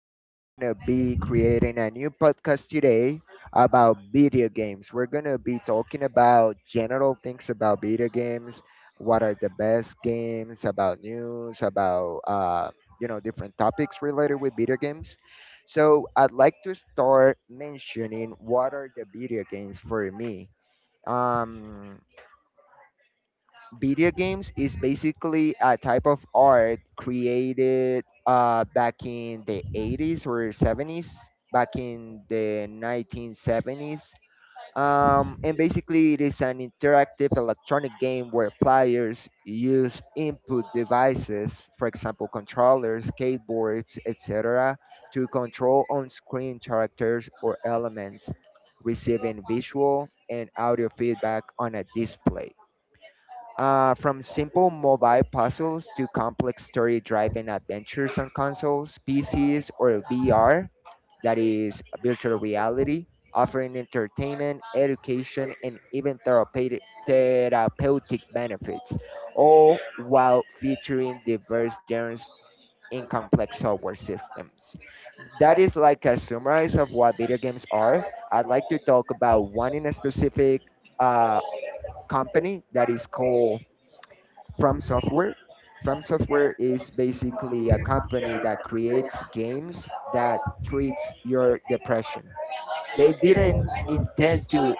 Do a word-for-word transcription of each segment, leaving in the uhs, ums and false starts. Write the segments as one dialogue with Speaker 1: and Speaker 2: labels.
Speaker 1: and we're gonna be creating a new podcast today about video games. We're gonna be talking about general things about video games, what are the best games, about news, about uh, you know different topics related with video games. So I'd like to start mentioning what are the video games for me. Um, Video games is basically a type of art created uh, back in the eighties or seventies, back in the nineteen seventies. Um, and basically, it is an interactive electronic game where players use input devices, for example, controllers, skateboards, et cetera, to control on screen characters or elements, receiving visual and audio feedback on a display. Uh, from simple mobile puzzles to complex story driven adventures on consoles, P Cs, or V R, that is virtual reality, offering entertainment, education, and even therapeutic, therapeutic benefits, all while featuring diverse genres in complex software systems. That is like a summary of what video games are. I'd like to talk about one in a specific uh, company that is called from Software. From Software is basically a company that creates games that treats your depression. They didn't intend to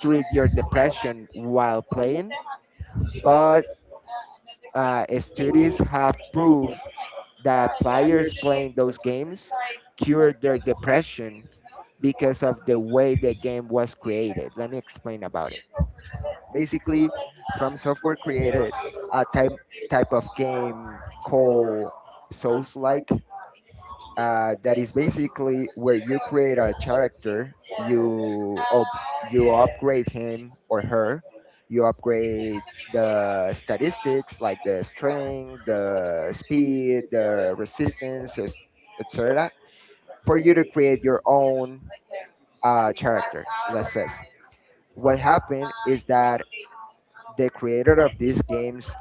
Speaker 1: treat your depression while playing, but uh, studies have proved that players playing those games cured their depression because of the way the game was created. Let me explain about it. Basically, From Software created a type type of game called Souls-like. Uh, that is basically where you create a character, you up, you upgrade him or her, you upgrade the statistics like the strength, the speed, the resistance, et cetera. For you to create your own uh, character, let's say. What happened is that the creator of these games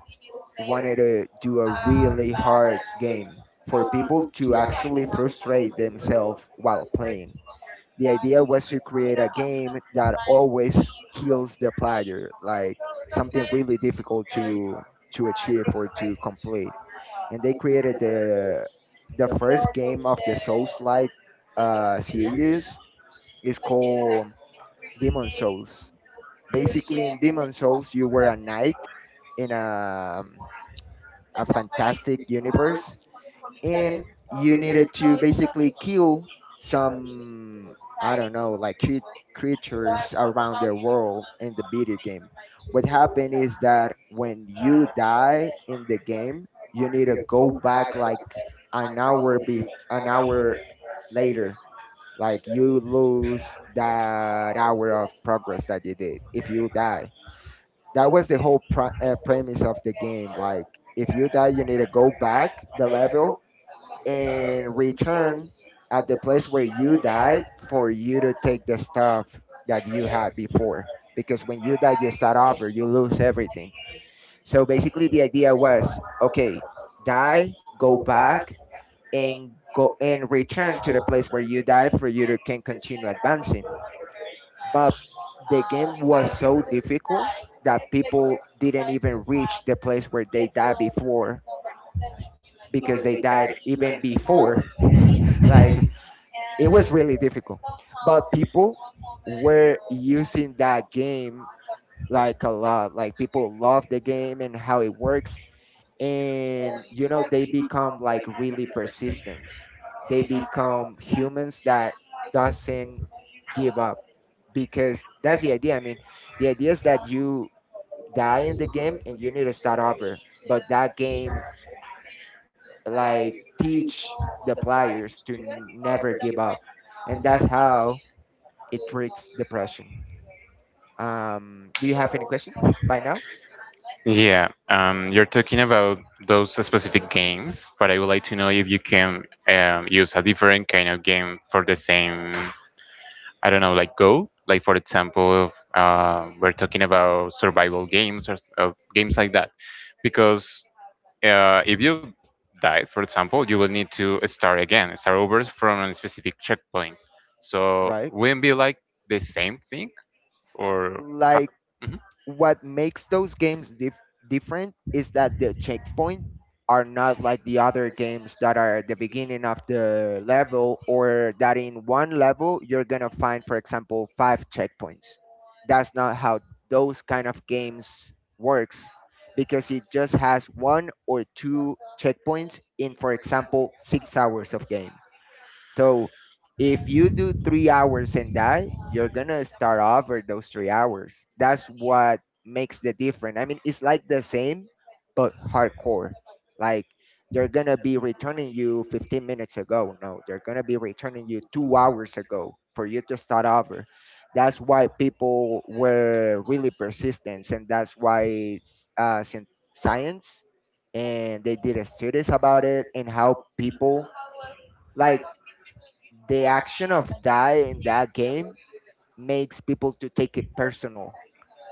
Speaker 1: wanted to do a really hard game for people to actually frustrate themselves while playing. The idea was to create a game that always kills the player, like something really difficult to to achieve or to complete. And they created the the first game of the Souls-like uh, series is called Demon Souls. Basically, in Demon Souls, you were a knight in a a fantastic universe, and you needed to basically kill some, I don't know, like cre- creatures around the world in the video game. What happened is that when you die in the game, you need to go back like an hour be an hour later. Like you lose that hour of progress that you did if you die. That was the whole pr- uh, premise of the game. Like, if you die, you need to go back the level and return at the place where you died for you to take the stuff that you had before. Because when you die, you start over, you lose everything. So basically, the idea was okay, die, go back, and go and return to the place where you died for you to can continue advancing, but the game was so difficult that people didn't even reach the place where they died before because they died even before. Like, it was really difficult. But people were using that game like a lot. Like, people love the game and how it works, and you know they become like really persistent. They become humans that doesn't give up because that's the idea. I mean, the idea is that you die in the game and you need to start over, but that game like teach the players to n- never give up, and that's how it treats depression. Um do you have any question by now?
Speaker 2: Yeah, um, you're talking about those specific games, but I would like to know if you can um, use a different kind of game for the same, I don't know, like Go. Like for example, uh, we're talking about survival games or s- uh, games like that. Because uh, if you die, for example, you will need to start again, start over from a specific checkpoint. So wouldn't be like the same thing, or?
Speaker 1: Right. What makes those games dif- different is that the checkpoint are not like the other games that are at the beginning of the level, or that in one level you're going to find for example five checkpoints. That's not how those kind of games works, because it just has one or two checkpoints in for example six hours of game. So if you do three hours and die, you're gonna start over those three hours. That's what makes the difference. I mean, it's like the same, but hardcore. Like, they're gonna be returning you fifteen minutes ago. No, they're gonna be returning you two hours ago for you to start over. That's why people were really persistent, and that's why uh, scien- science, and they did studies about it and how people, like, the action of die in that game makes people to take it personal.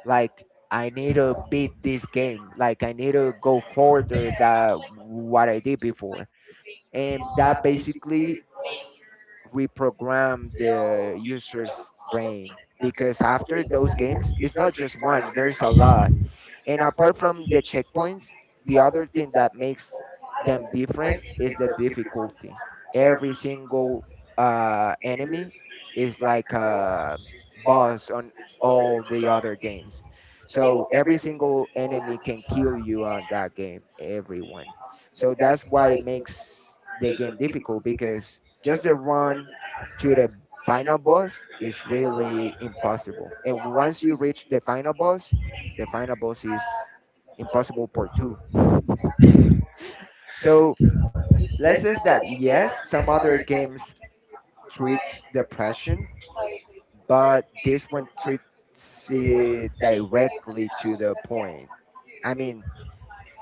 Speaker 1: Like, I need to beat this game. Like, I need to go further than what I did before. And that basically reprogram the user's brain, because after those games it's not just one, there's a lot. And apart from the checkpoints, the other thing that makes them different is the difficulty. Every single uh, enemy is like a boss on all the other games, so every single enemy can kill you on that game, everyone. So that's why it makes the game difficult, because just the run to the final boss is really impossible. And once you reach the final boss, the final boss is impossible part two. So let's say that yes, some other games treats depression, but this one treats it directly to the point. I mean,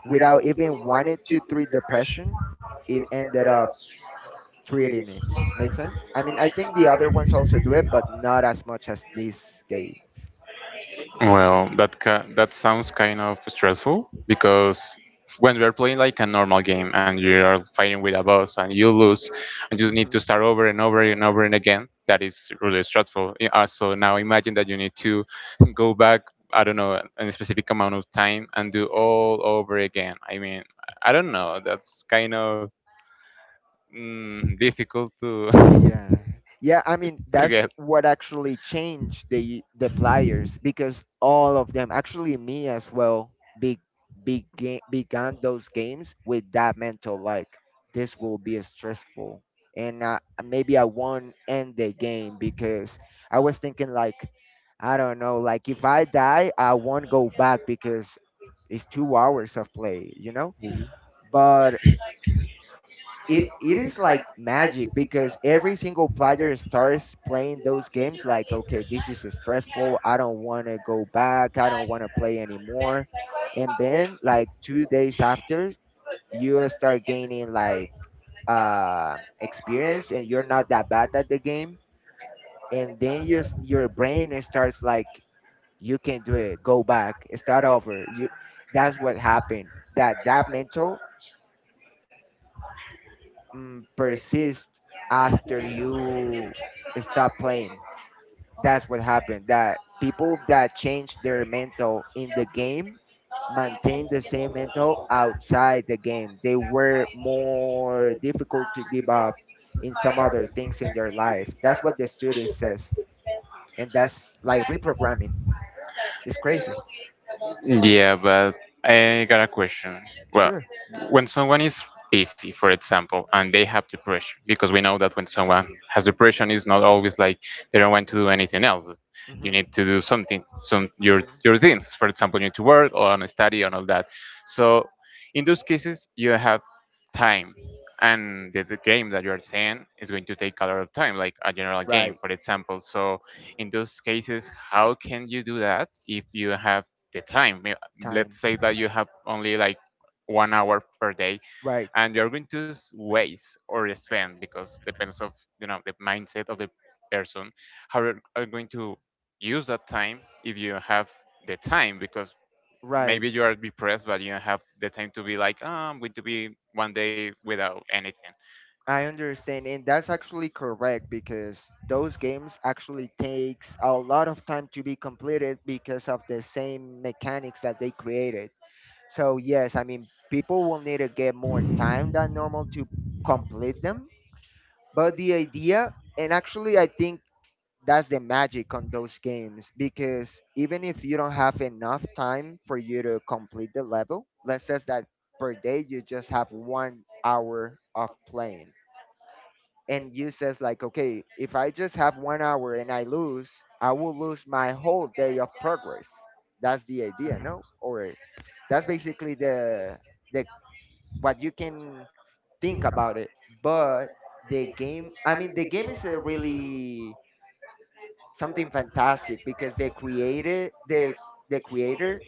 Speaker 1: without even wanting to treat depression, it ended up treating it. Make sense? I mean, I think the other ones also do it, but not as much as these games.
Speaker 2: Well, that ca- that sounds kind of stressful because when you're playing like a normal game and you are fighting with a boss and you lose and you need to start over and over and over and again, that is really stressful. I- uh, So now imagine that you need to go back, I don't know, a specific amount of time and do all over again. I mean, I don't know. That's kind of mm, difficult to
Speaker 1: Yeah. Yeah, I mean
Speaker 2: to
Speaker 1: that's
Speaker 2: get.
Speaker 1: what actually changed the the players, because all of them, actually me as well, be, began began those games with that mental like, this will be stressful, and uh, maybe I won't end the game, because I was thinking like, I don't know, like if I die, I won't go back because it's two hours of play, you know? But it it is like magic, because every single player starts playing those games like, okay, this is stressful, I don't want to go back, I don't want to play anymore. And then like two days after, you start gaining like uh experience, and you're not that bad at the game. And then your s- your brain starts like, you can do it, go back, start over. You, that's what happened. That that mental mm, persist after you stop playing. That's what happened. That people that change their mental in the game maintain the same mental outside the game. They were more difficult to give up in some other things in their life. That's what the study says, and that's like reprogramming. It's crazy.
Speaker 2: Yeah, but I got a question. Well,
Speaker 1: Sure.
Speaker 2: when someone is busy, for example, and they have depression, because we know that when someone has depression, it's not always like they don't want to do anything else. You need
Speaker 1: Hmm.
Speaker 2: to do something, some your your things. For example, you need to work or on a study and all that. So in those cases, you have time, and the, the game that you are saying is going to take a lot of time, like a general game,
Speaker 1: Right.
Speaker 2: for example. So in those cases, how can you do that if you have the time? May-
Speaker 1: Time.
Speaker 2: Let's say that you have only like one hour per day
Speaker 1: Right.
Speaker 2: and you're going to s- waste or spend because depends of you know the mindset of the person how you're are going to use that time if you have the time because
Speaker 1: Right.
Speaker 2: maybe you are depressed but you don't have the time to be like oh, I'm going to be one day without anything.
Speaker 1: I understand, and that's actually correct, because those games actually takes a lot of time to be completed because of the same mechanics that they created. So yes, I mean people will need to get more time than normal to complete them. But the idea, and actually I think that's the magic on those games, because even if you don't have enough time for you to complete the level, let's say that per day you just have one hour of playing, and you says like, okay, if I just have one hour and I lose, I will lose my whole day of progress. That's the idea, no? Or that's basically the the what you can think about it. But the game, I mean the game is a really something fantastic, because they created the the creator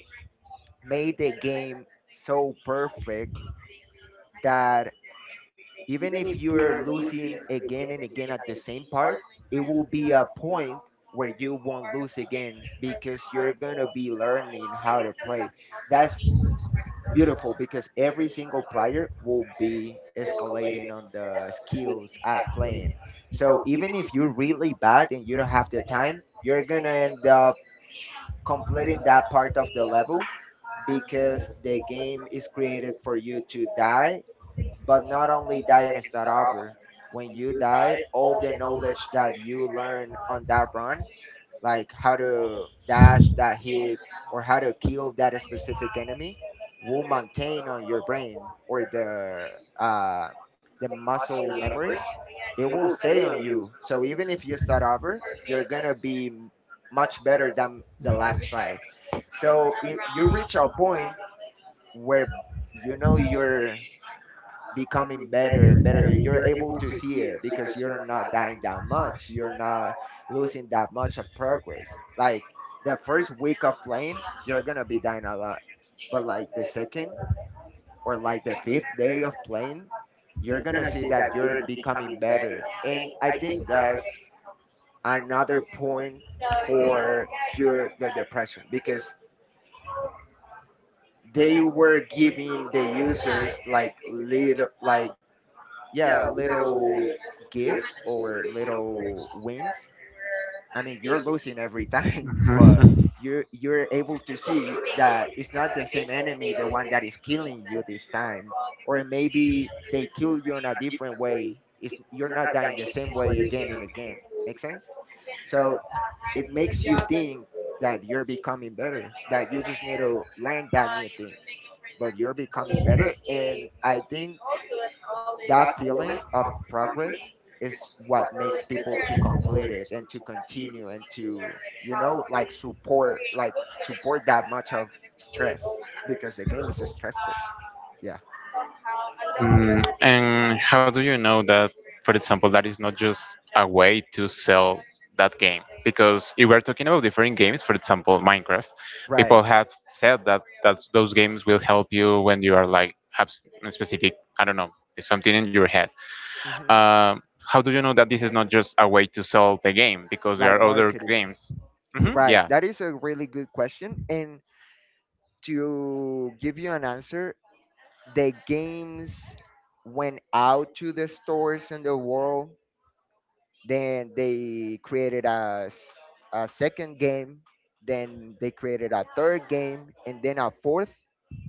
Speaker 1: made the game so perfect, that even if you're losing again and again at the same part, it will be a point where you won't lose again because you're going to be learning how to play. That's beautiful, because every single player will be escalating on the skills at playing. So even if you're really bad and you don't have the time, you're going to end up completing that part of the level, because the game is created for you to die, but not only, dying is not over. When you die, all the knowledge that you learn on that run, like how to dash that hit or how to kill that specific enemy, will maintain on your brain or the uh, the muscle memory. It will stay on you. So even if you start over, you're gonna be m- much better than the last try. So if you reach a point where, you know, you're becoming better and better, and you're able to see it, because you're not dying that much, you're not losing that much of progress. Like, the first week of playing you're gonna be dying a lot, but like the second or like the fifth day of playing, you're gonna see that you're becoming better. And I think that's another point for cure the depression, because they were giving the users like little, like, yeah, little gifts or little wins. I mean, you're losing every time, but you're you're able to see that it's not the same enemy, the one that is killing you this time, or maybe they kill you in a different way. It's, you're not dying the same way again and again. Make sense? So it makes you think that you're becoming better, that you just need to learn that new thing, but you're becoming better. And I think that feeling of progress is what makes people to complete it and to continue and to you know like support like support that much of stress because the game is stressful. Yeah.
Speaker 2: Mm, and how do you know that, for example, that is not just a way to sell that game? Because if we're talking about different games, for example, Minecraft,
Speaker 1: Right.
Speaker 2: people have said that that's, those games will help you when you are like have s- a specific, I don't know, something in your head.
Speaker 1: Hmm.
Speaker 2: Um, how do you know that this is not just a way to sell the game? Because there
Speaker 1: Like
Speaker 2: are other
Speaker 1: marketing.
Speaker 2: games. Hmm,
Speaker 1: Right,
Speaker 2: yeah.
Speaker 1: that is a really good question, and to give you an answer, the games went out to the stores in the world. Then they created a, s- a second game. Then they created a third game, and then a fourth.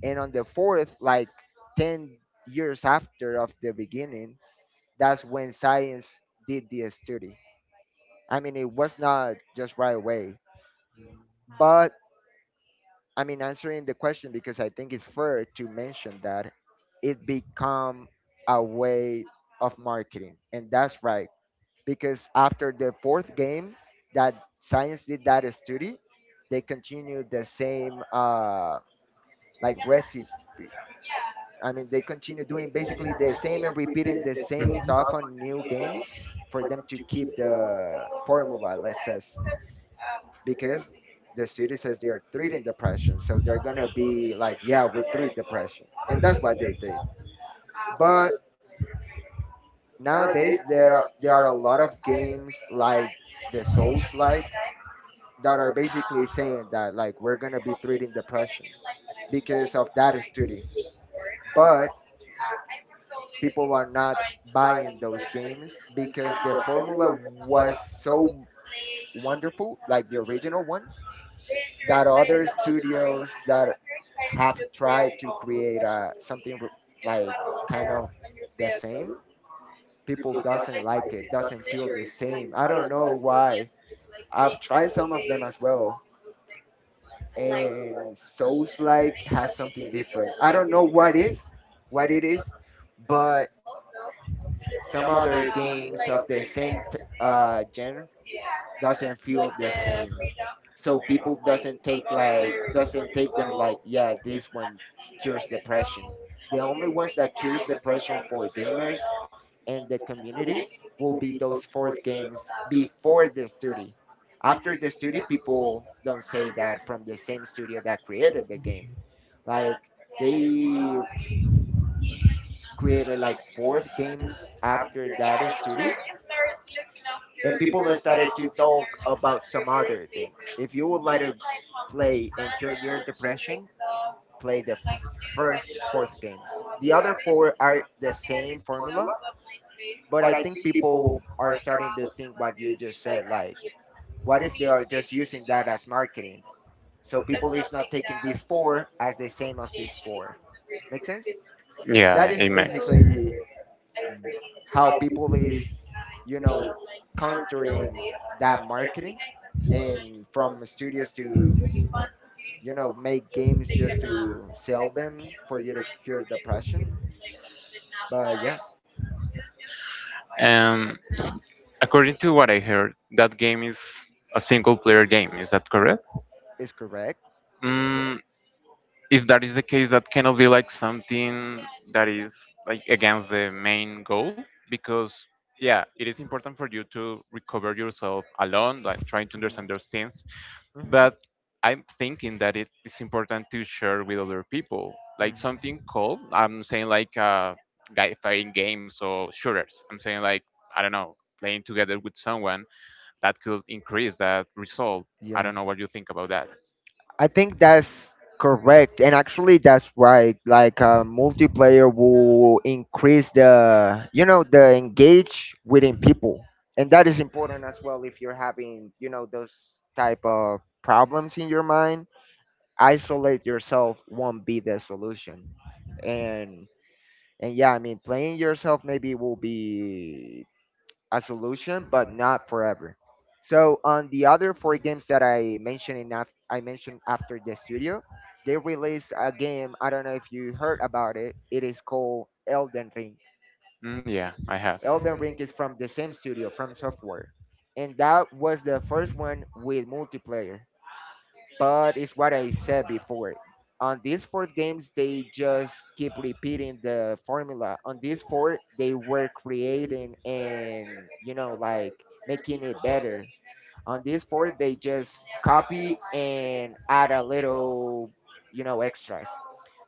Speaker 1: And on the fourth, like ten years after of the beginning, that's when science did the study. I mean, it was not just right away, but I mean, answering the question, because I think it's fair to mention that it become a way of marketing, and that's right. Because after the fourth game that science did that study, they continued the same uh, like recipe. I mean, they continue doing basically the same and repeating the same stuff on new games for them to keep the formula, let's say, because the study says they are treating depression, so they're gonna be like, yeah, we treat depression, and that's what they did. But nowadays there are there are a lot of games like the Souls like that are basically saying that like we're gonna be treating depression because of that study, but people are not buying those games because the formula was so wonderful, like the original one, that other studios that have tried to create uh, something r- like kind of the same, people doesn't like it, doesn't feel the same. I don't know why. I've tried some of them as well, and Souls like has something different. I don't know what is what it is. But some other games of the same t- uh genre doesn't feel the same. So people doesn't take like doesn't take them like, yeah, this one cures depression. The only ones that cures depression for gamers and the community will be those fourth games before the studio. After the studio, people don't say that from the same studio that created the game. Like they created like fourth games after that studio, and people have started to talk about some other things. If you would like to play and cure your depression, play the f- first fourth games. The other four are the same formula. But I think people are starting to think what you just said, like, what if they are just using that as marketing? So people is not taking these four as the same of these four. Make sense?
Speaker 2: Yeah,
Speaker 1: That is
Speaker 2: it makes.
Speaker 1: basically how people is, you know, countering that marketing and from studios to, you know, make games just to sell them for you to cure depression. But yeah,
Speaker 2: Um, According to what I heard, that game is a single player game. Is that correct?
Speaker 1: it's correct.
Speaker 2: Mm, if that is the case, that cannot be like something that is like against the main goal because yeah, it is important for you to recover
Speaker 1: Cover.
Speaker 2: yourself alone, like trying to understand those things.
Speaker 1: Hmm.
Speaker 2: But I'm thinking that it is important to share with other people,
Speaker 1: When.
Speaker 2: like
Speaker 1: Hmm.
Speaker 2: something called I'm saying like uh, guy playing games or shooters. I'm saying like I don't know, playing together with someone that could increase that result. I
Speaker 1: Yeah,
Speaker 2: don't know what you think about that.
Speaker 1: I think that's correct, and actually that's right. Like uh, multiplayer will increase the, you know, the engage within
Speaker 2: Mhm.
Speaker 1: people, and that is important as well. If you're having, you know, those type of problems in your mind, isolate yourself won't be the solution, and And yeah, I mean, playing yourself maybe will be a solution, but not forever. So on the other four games that I mentioned enough, I mentioned after the studio, they released a game. I don't know if you heard about it. It is called Elden Ring.
Speaker 2: Mm, yeah, I have. Mm.
Speaker 1: Elden Ring is from the same studio, from Software, and that was the first one with multiplayer. But it's what I said before. On these four games, they just keep repeating the formula. On these four, they were creating and, you know, like making it better. On these four, they just copy and add a little, you know, extras.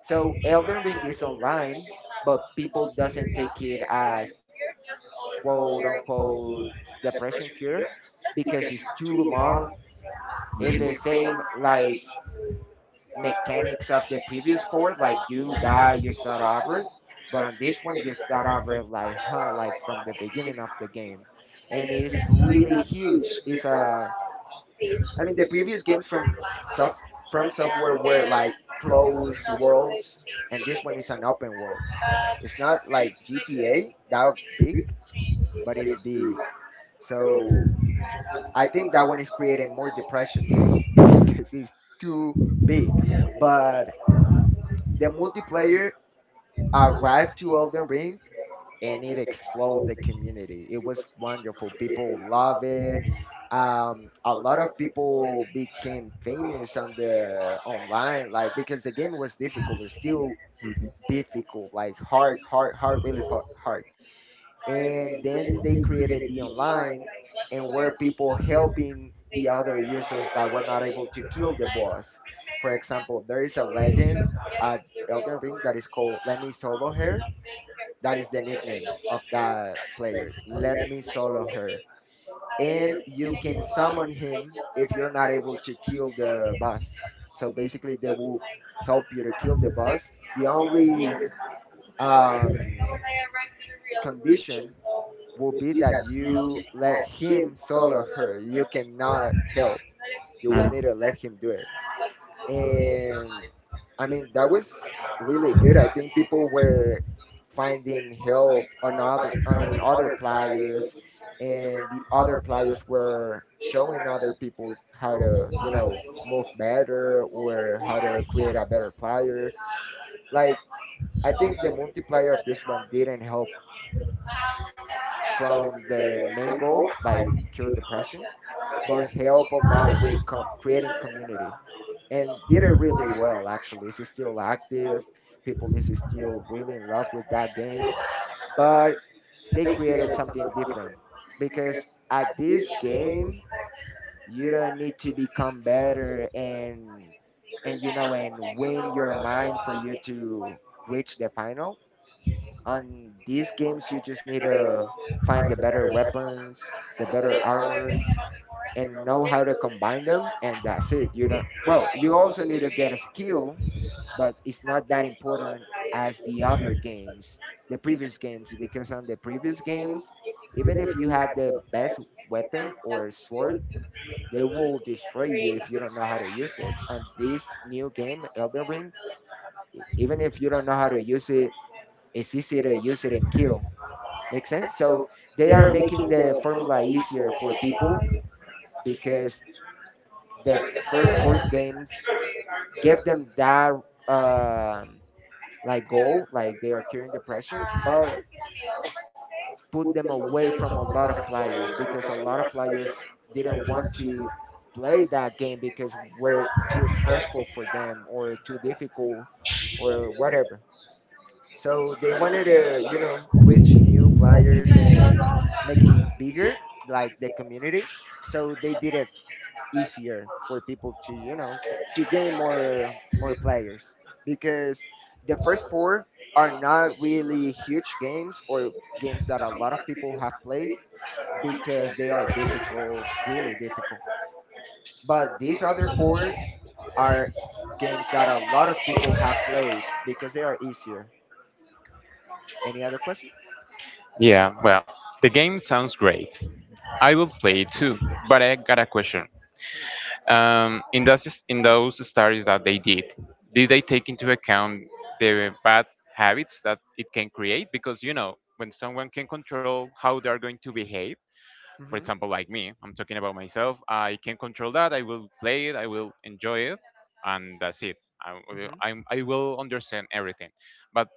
Speaker 1: So Elden Ring is online, but people doesn't take it as quote unquote depression cure because it's too long. It's the same like mechanics of the previous four. Like you die, you start over. But on this one, you start over like huh, like from the beginning of the game, and it's really huge. It's a, I mean, the previous games from soft from software were like closed worlds, and this one is an open world. It's not like G T A that big, but it's big. So I think that one is creating more depression because it's too big. But the multiplayer arrived to Elden Ring, and it exploded the community. It was wonderful. People love it. Um, a lot of people became famous on the online, like because the game was difficult. It's still difficult, like hard, hard, hard, really fa- hard. And then they created the online, and were people helping the other users that were not able to kill the boss. For example, there is a legend at Elden Ring that is called "Let Me Solo Her." That is the nickname of that player. Let me solo her. And you can summon him if you're not able to kill the boss. So basically, they will help you to kill the boss. The only um, condition will be that you let him solo her. You cannot help. You will need to let him do it, and I mean that was really good. I think people were finding help on other on other players, and the other players were showing other people how to, you know, move better or how to create a better player. Like I think the multiplayer of this one didn't help from the main goal, like cure depression, but help a lot with co- creating community, and did it really well. Actually, it's still active. People is still really in love with that game. But they created something different because at this game you don't need to become better, and and you know, and win your mind for you to reach the final. On these games, you just need to find the better weapons, the better armors, and know how to combine them, and that's it. You don't, well, you also need to get a skill, but it's not that important as the other games, the previous games, because on the previous games, even if you had the best weapon or sword, they will destroy you if you don't know how to use it. On this new game, Elden Ring, e- even if you don't know how to use it, it's easy to use it and kill. Make sense? So they are making the formula easier for people because the first four games give them that um like goal, like they are curing depression, but put them away from a lot of players, because a lot of players didn't want to play that game because we're too stressful for them or too difficult or whatever. So they wanted to, you know, reach new players and make it bigger, like the community. So they did a easier for people to, you know, f- to gain more more players, because the first four are not really huge games, or games that a lot of people have played, because they are difficult, really difficult. But these other fours are games that a lot of people have played because they are easier. Any other question?
Speaker 2: Yeah, well, the game sounds great. I will play it too, but I got a question. Um, in those in those studies that they did, did they take into account the bad habits that it can create? Because you know, when someone can control how they are going to behave, for
Speaker 1: Hmm.
Speaker 2: example, like me, I'm talking about myself. I can control that. I will play it. I will enjoy it, and that's it. I will,
Speaker 1: Hmm.
Speaker 2: I'm, I will understand everything. But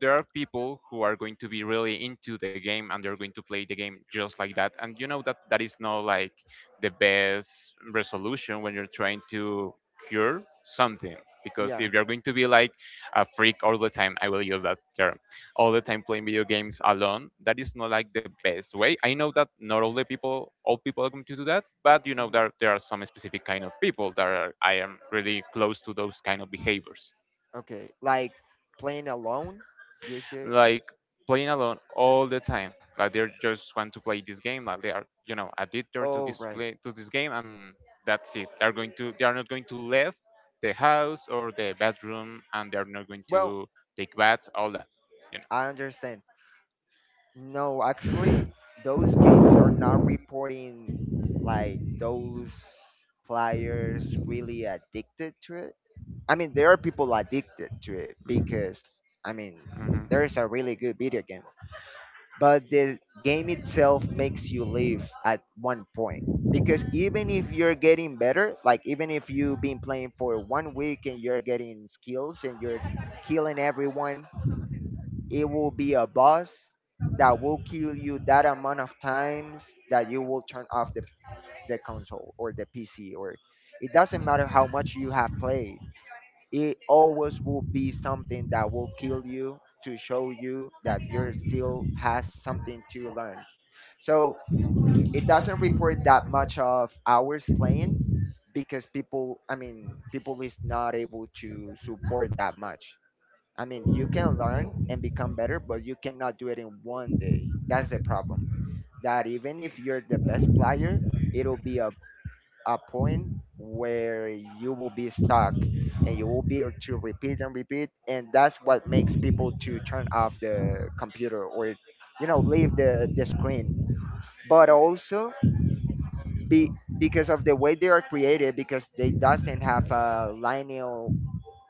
Speaker 2: there are people who are going to be really into the game and they're going to play the game just like that and you know that that is not like the best resolution when you're trying to cure something because
Speaker 1: Yeah.
Speaker 2: if you're going to be like a freak all the time. I will use that term all the time playing video games alone. That is not like the best way. I know that not all the people all people are going to do that, but you know there, there are some specific kind of people that are I am really close to those kind of behaviors.
Speaker 1: Okay, like playing alone, you should.
Speaker 2: Like playing alone all the time. Like they just want to play this game. Like they are, you know, addicted to
Speaker 1: Oh,
Speaker 2: this
Speaker 1: right.
Speaker 2: play to this game, and that's it. They're going to they are not going to leave the house or the bedroom, and they are not going
Speaker 1: Well,
Speaker 2: to take baths. All that, you
Speaker 1: I understand. No, actually, those games are not reporting like those players really addicted to it. I mean, there are people addicted to it
Speaker 2: know. Mhm.
Speaker 1: because I mean,
Speaker 2: Mhm.
Speaker 1: there is a really good video game, but the game itself makes you live at one point, because even if you're getting better, like even if you've been playing for one week and you're getting skills and you're killing everyone, it will be a boss that will kill you that amount of times that you will turn off the the console or the P C, or it doesn't matter how much you have played, it always will be something that will kill you to show you that you're still has something to learn. So it doesn't report that much of hours playing, because people, I mean, people is not able to support that much. I mean, you can learn and become better, but you cannot do it in one day. That's the problem, that even if you're the best player, it'll be a a point where you will be stuck, and you will be to repeat and repeat, and that's what makes people to turn off the computer or, you know, leave the, the screen. But also be because of the way they are created, because they doesn't have a linear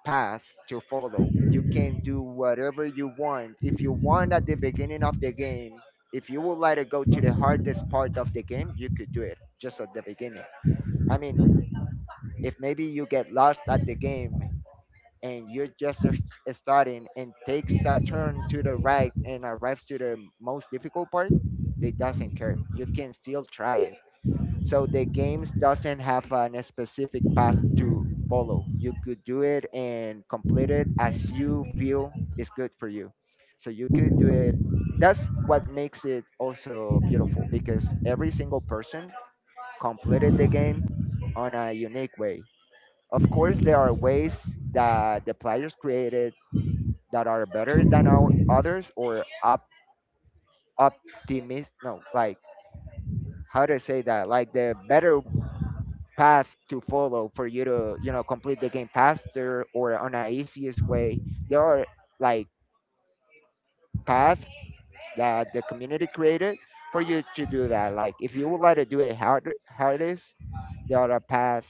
Speaker 1: path to follow. You can do whatever you want if you want at the beginning of the game. If you would like to go to the hardest part of the game, you could do it just at the beginning. I mean, if maybe you get lost at the game and you're just a- starting and takes a turn to the right and arrives to the most difficult part. They doesn't care, you can still try it. So the games doesn't have an specific path to follow. You could do it and complete it as you feel is good for you. So you could do it. That's what makes it also beautiful, because every single person completed the game on a unique way. Of course, there are ways that the players created that are better than our others, or op- optimist. No, like, how to say that? Like the better path to follow for you to you know complete the game faster or on a easiest way. There are, like, paths that the community created for you to do that. Like if you would like to do it harder, hardest, there are a path.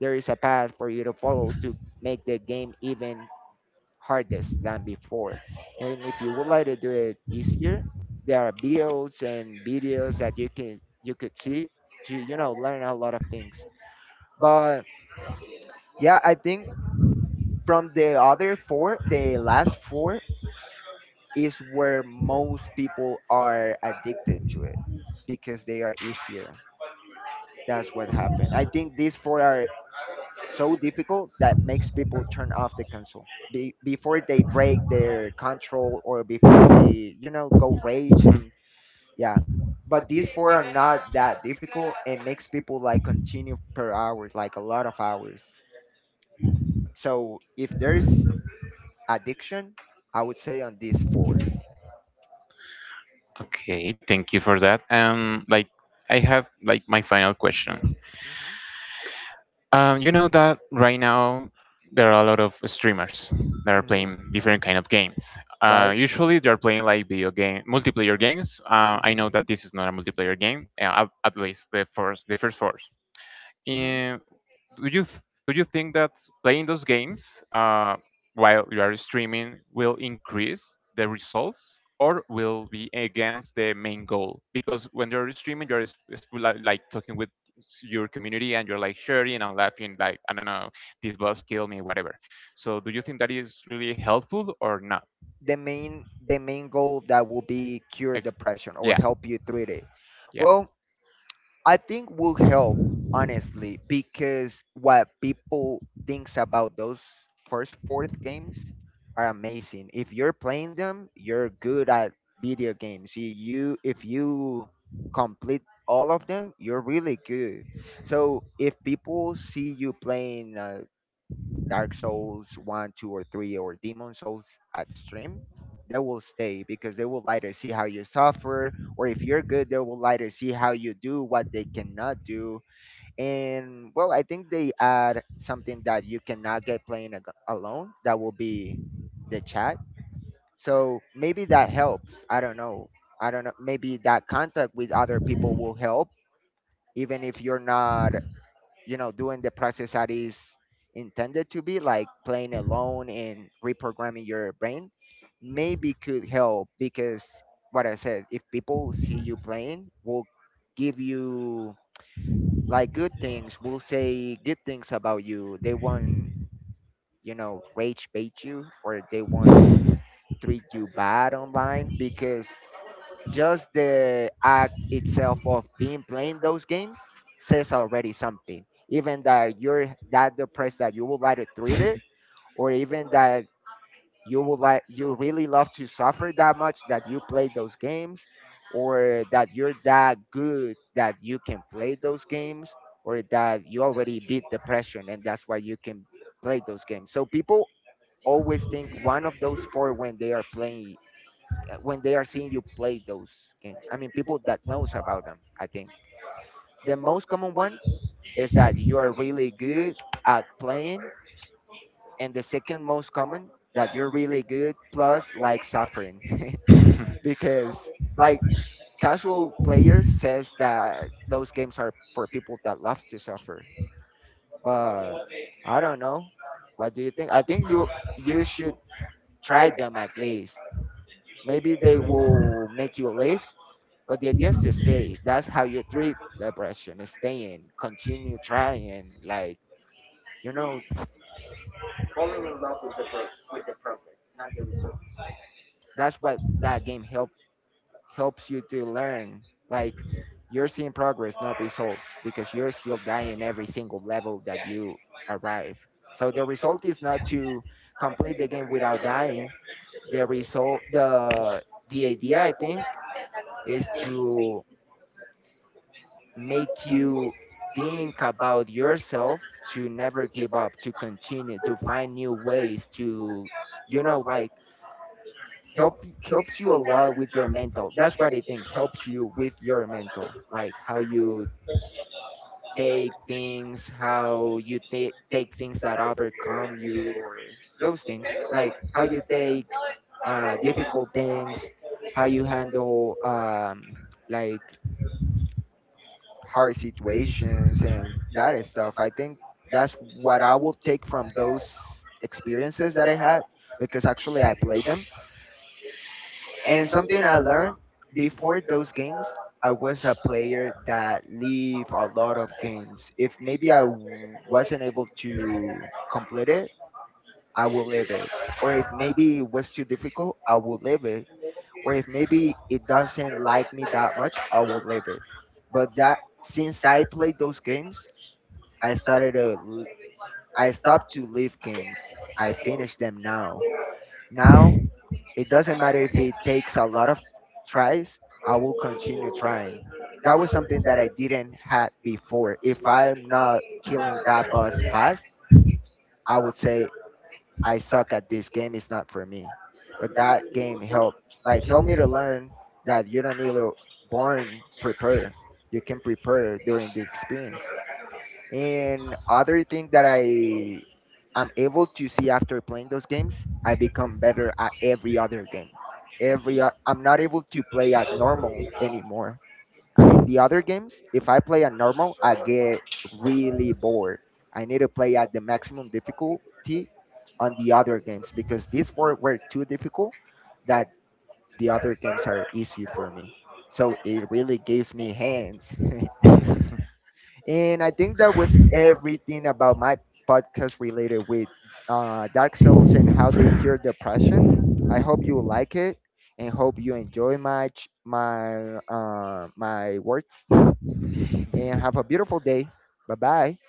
Speaker 1: There is a path for you to follow to make the game even hardest than before. And if you would like to do it easier, there are builds and videos that you can you could see to you know learn a lot of things. But yeah, I think from the other four, the last four is where most people are addicted to it, because they are easier. That's what happened. I think these four are so difficult that makes people turn off the console be- before they break their control, or before they you know go rage and yeah. But these four are not that difficult, and makes people like continue per hours, like a lot of hours. So if there's addiction, I would say on these four.
Speaker 2: Okay, thank you for that. Um, like I have like my final question.
Speaker 1: Hmm.
Speaker 2: Um, you know that right now there are a lot of streamers that are
Speaker 1: Hmm.
Speaker 2: playing different kind of games. Uh,
Speaker 1: Right.
Speaker 2: usually they are playing like video game multiplayer games. Uh, I
Speaker 1: Hmm.
Speaker 2: know that this is not a multiplayer game, uh, at, at least the first the first four.
Speaker 1: Hmm.
Speaker 2: do you th- do you think that playing those games uh, while you are streaming will increase the results or will be against the main goal? Because when you're streaming, you're s- s- li- like talking with s- your community and you're like sharing and laughing, like I don't know, this boss killed me, whatever. So do you think that is really helpful or not?
Speaker 1: The main the main goal, that will be cure
Speaker 2: Like,
Speaker 1: depression or
Speaker 2: yeah,
Speaker 1: help you treat it?
Speaker 2: yeah.
Speaker 1: Well, I think will help, honestly, because what people thinks about those first fourth games are amazing. If you're playing them, you're good at video games. you, you If you complete all of them, you're really good. So if people see you playing uh, Dark Souls one, two, or three, or Demon Souls at stream, they will stay, because they will later see how you suffer, or if you're good, they will later see how you do what they cannot do. And well, I think they add something that you cannot get playing ag- alone. That will be the chat. So maybe that helps. I don't know. I don't know. Maybe that contact with other people will help, even if you're not you know doing the process that is intended to be, like, playing alone and reprogramming your brain. Maybe could help, because what I said, if people see you playing, will give you, like, good things. Will say good things about you. They won't you know rage bait you, or they won't treat you bad online, because just the act itself of being playing those games says already something. Even that you're that depressed that you would like to treat it, or even that you would like you really love to suffer that much that you play those games, or that you're that good that you can play those games, or that you already beat depression and that's why you can play those games. So people always think one of those four when they are playing uh, when they are seeing you play those games. I mean, people that knows about them. I think the most common one is that you are really good at playing, and the second most common that you're really good plus like suffering, because, like, casual players says that those games are for people that loves to suffer. But I don't know. What do you think? I think you you should try them at least. Maybe they will make you live. But the idea is to stay. That's how you treat depression. Staying, continue trying, like, you know, falling in love with the pro- with the progress, not the results. That's what that game help helps you to learn. Like, you're seeing progress, not results, because you're still dying every single level that you arrive. So the result is not to complete the game without dying. The result, the the idea, I think, is to make you think about yourself, to never give up, to continue, to find new ways to you know like help helps you a lot with your mental. That's what I think helps you with your mental, like how you take things, how you take take things that overcome you, or those things. Like how you take uh difficult things, how you handle um like hard situations and that stuff. I think that's what I will take from those experiences that I had, because actually I played them. And something I learned, before those games, I was a player that leave a lot of games. If maybe I w- wasn't able to complete it, I will leave it. Or if maybe it was too difficult, I will leave it. Or if maybe it doesn't like me that much, I will leave it. But that since I played those games, I started to l- I stopped to leave games. I finish them now. Now it doesn't matter if it takes a lot of tries, I will continue trying. That was something that I didn't had before. If I'm not killing that boss fast, I would say I suck at this game, it's not for me. But that game helped like helped me to learn that you don't need to born prepare. You can prepare during the experience. And other thing that I am able to see after playing those games, I become better at every other game. Every o- I'm not able to play at normal anymore. I mean, the other games, if I play at normal, I get really bored. I need to play at the maximum difficulty on the other games, because these four were too difficult that the other games are easy for me. So it really gives me hands. And I think that was everything about my podcast related with uh, Dark Souls and how they cure depression. I hope you like it, and hope you enjoy my ch- my uh, my words and have a beautiful day. Bye bye.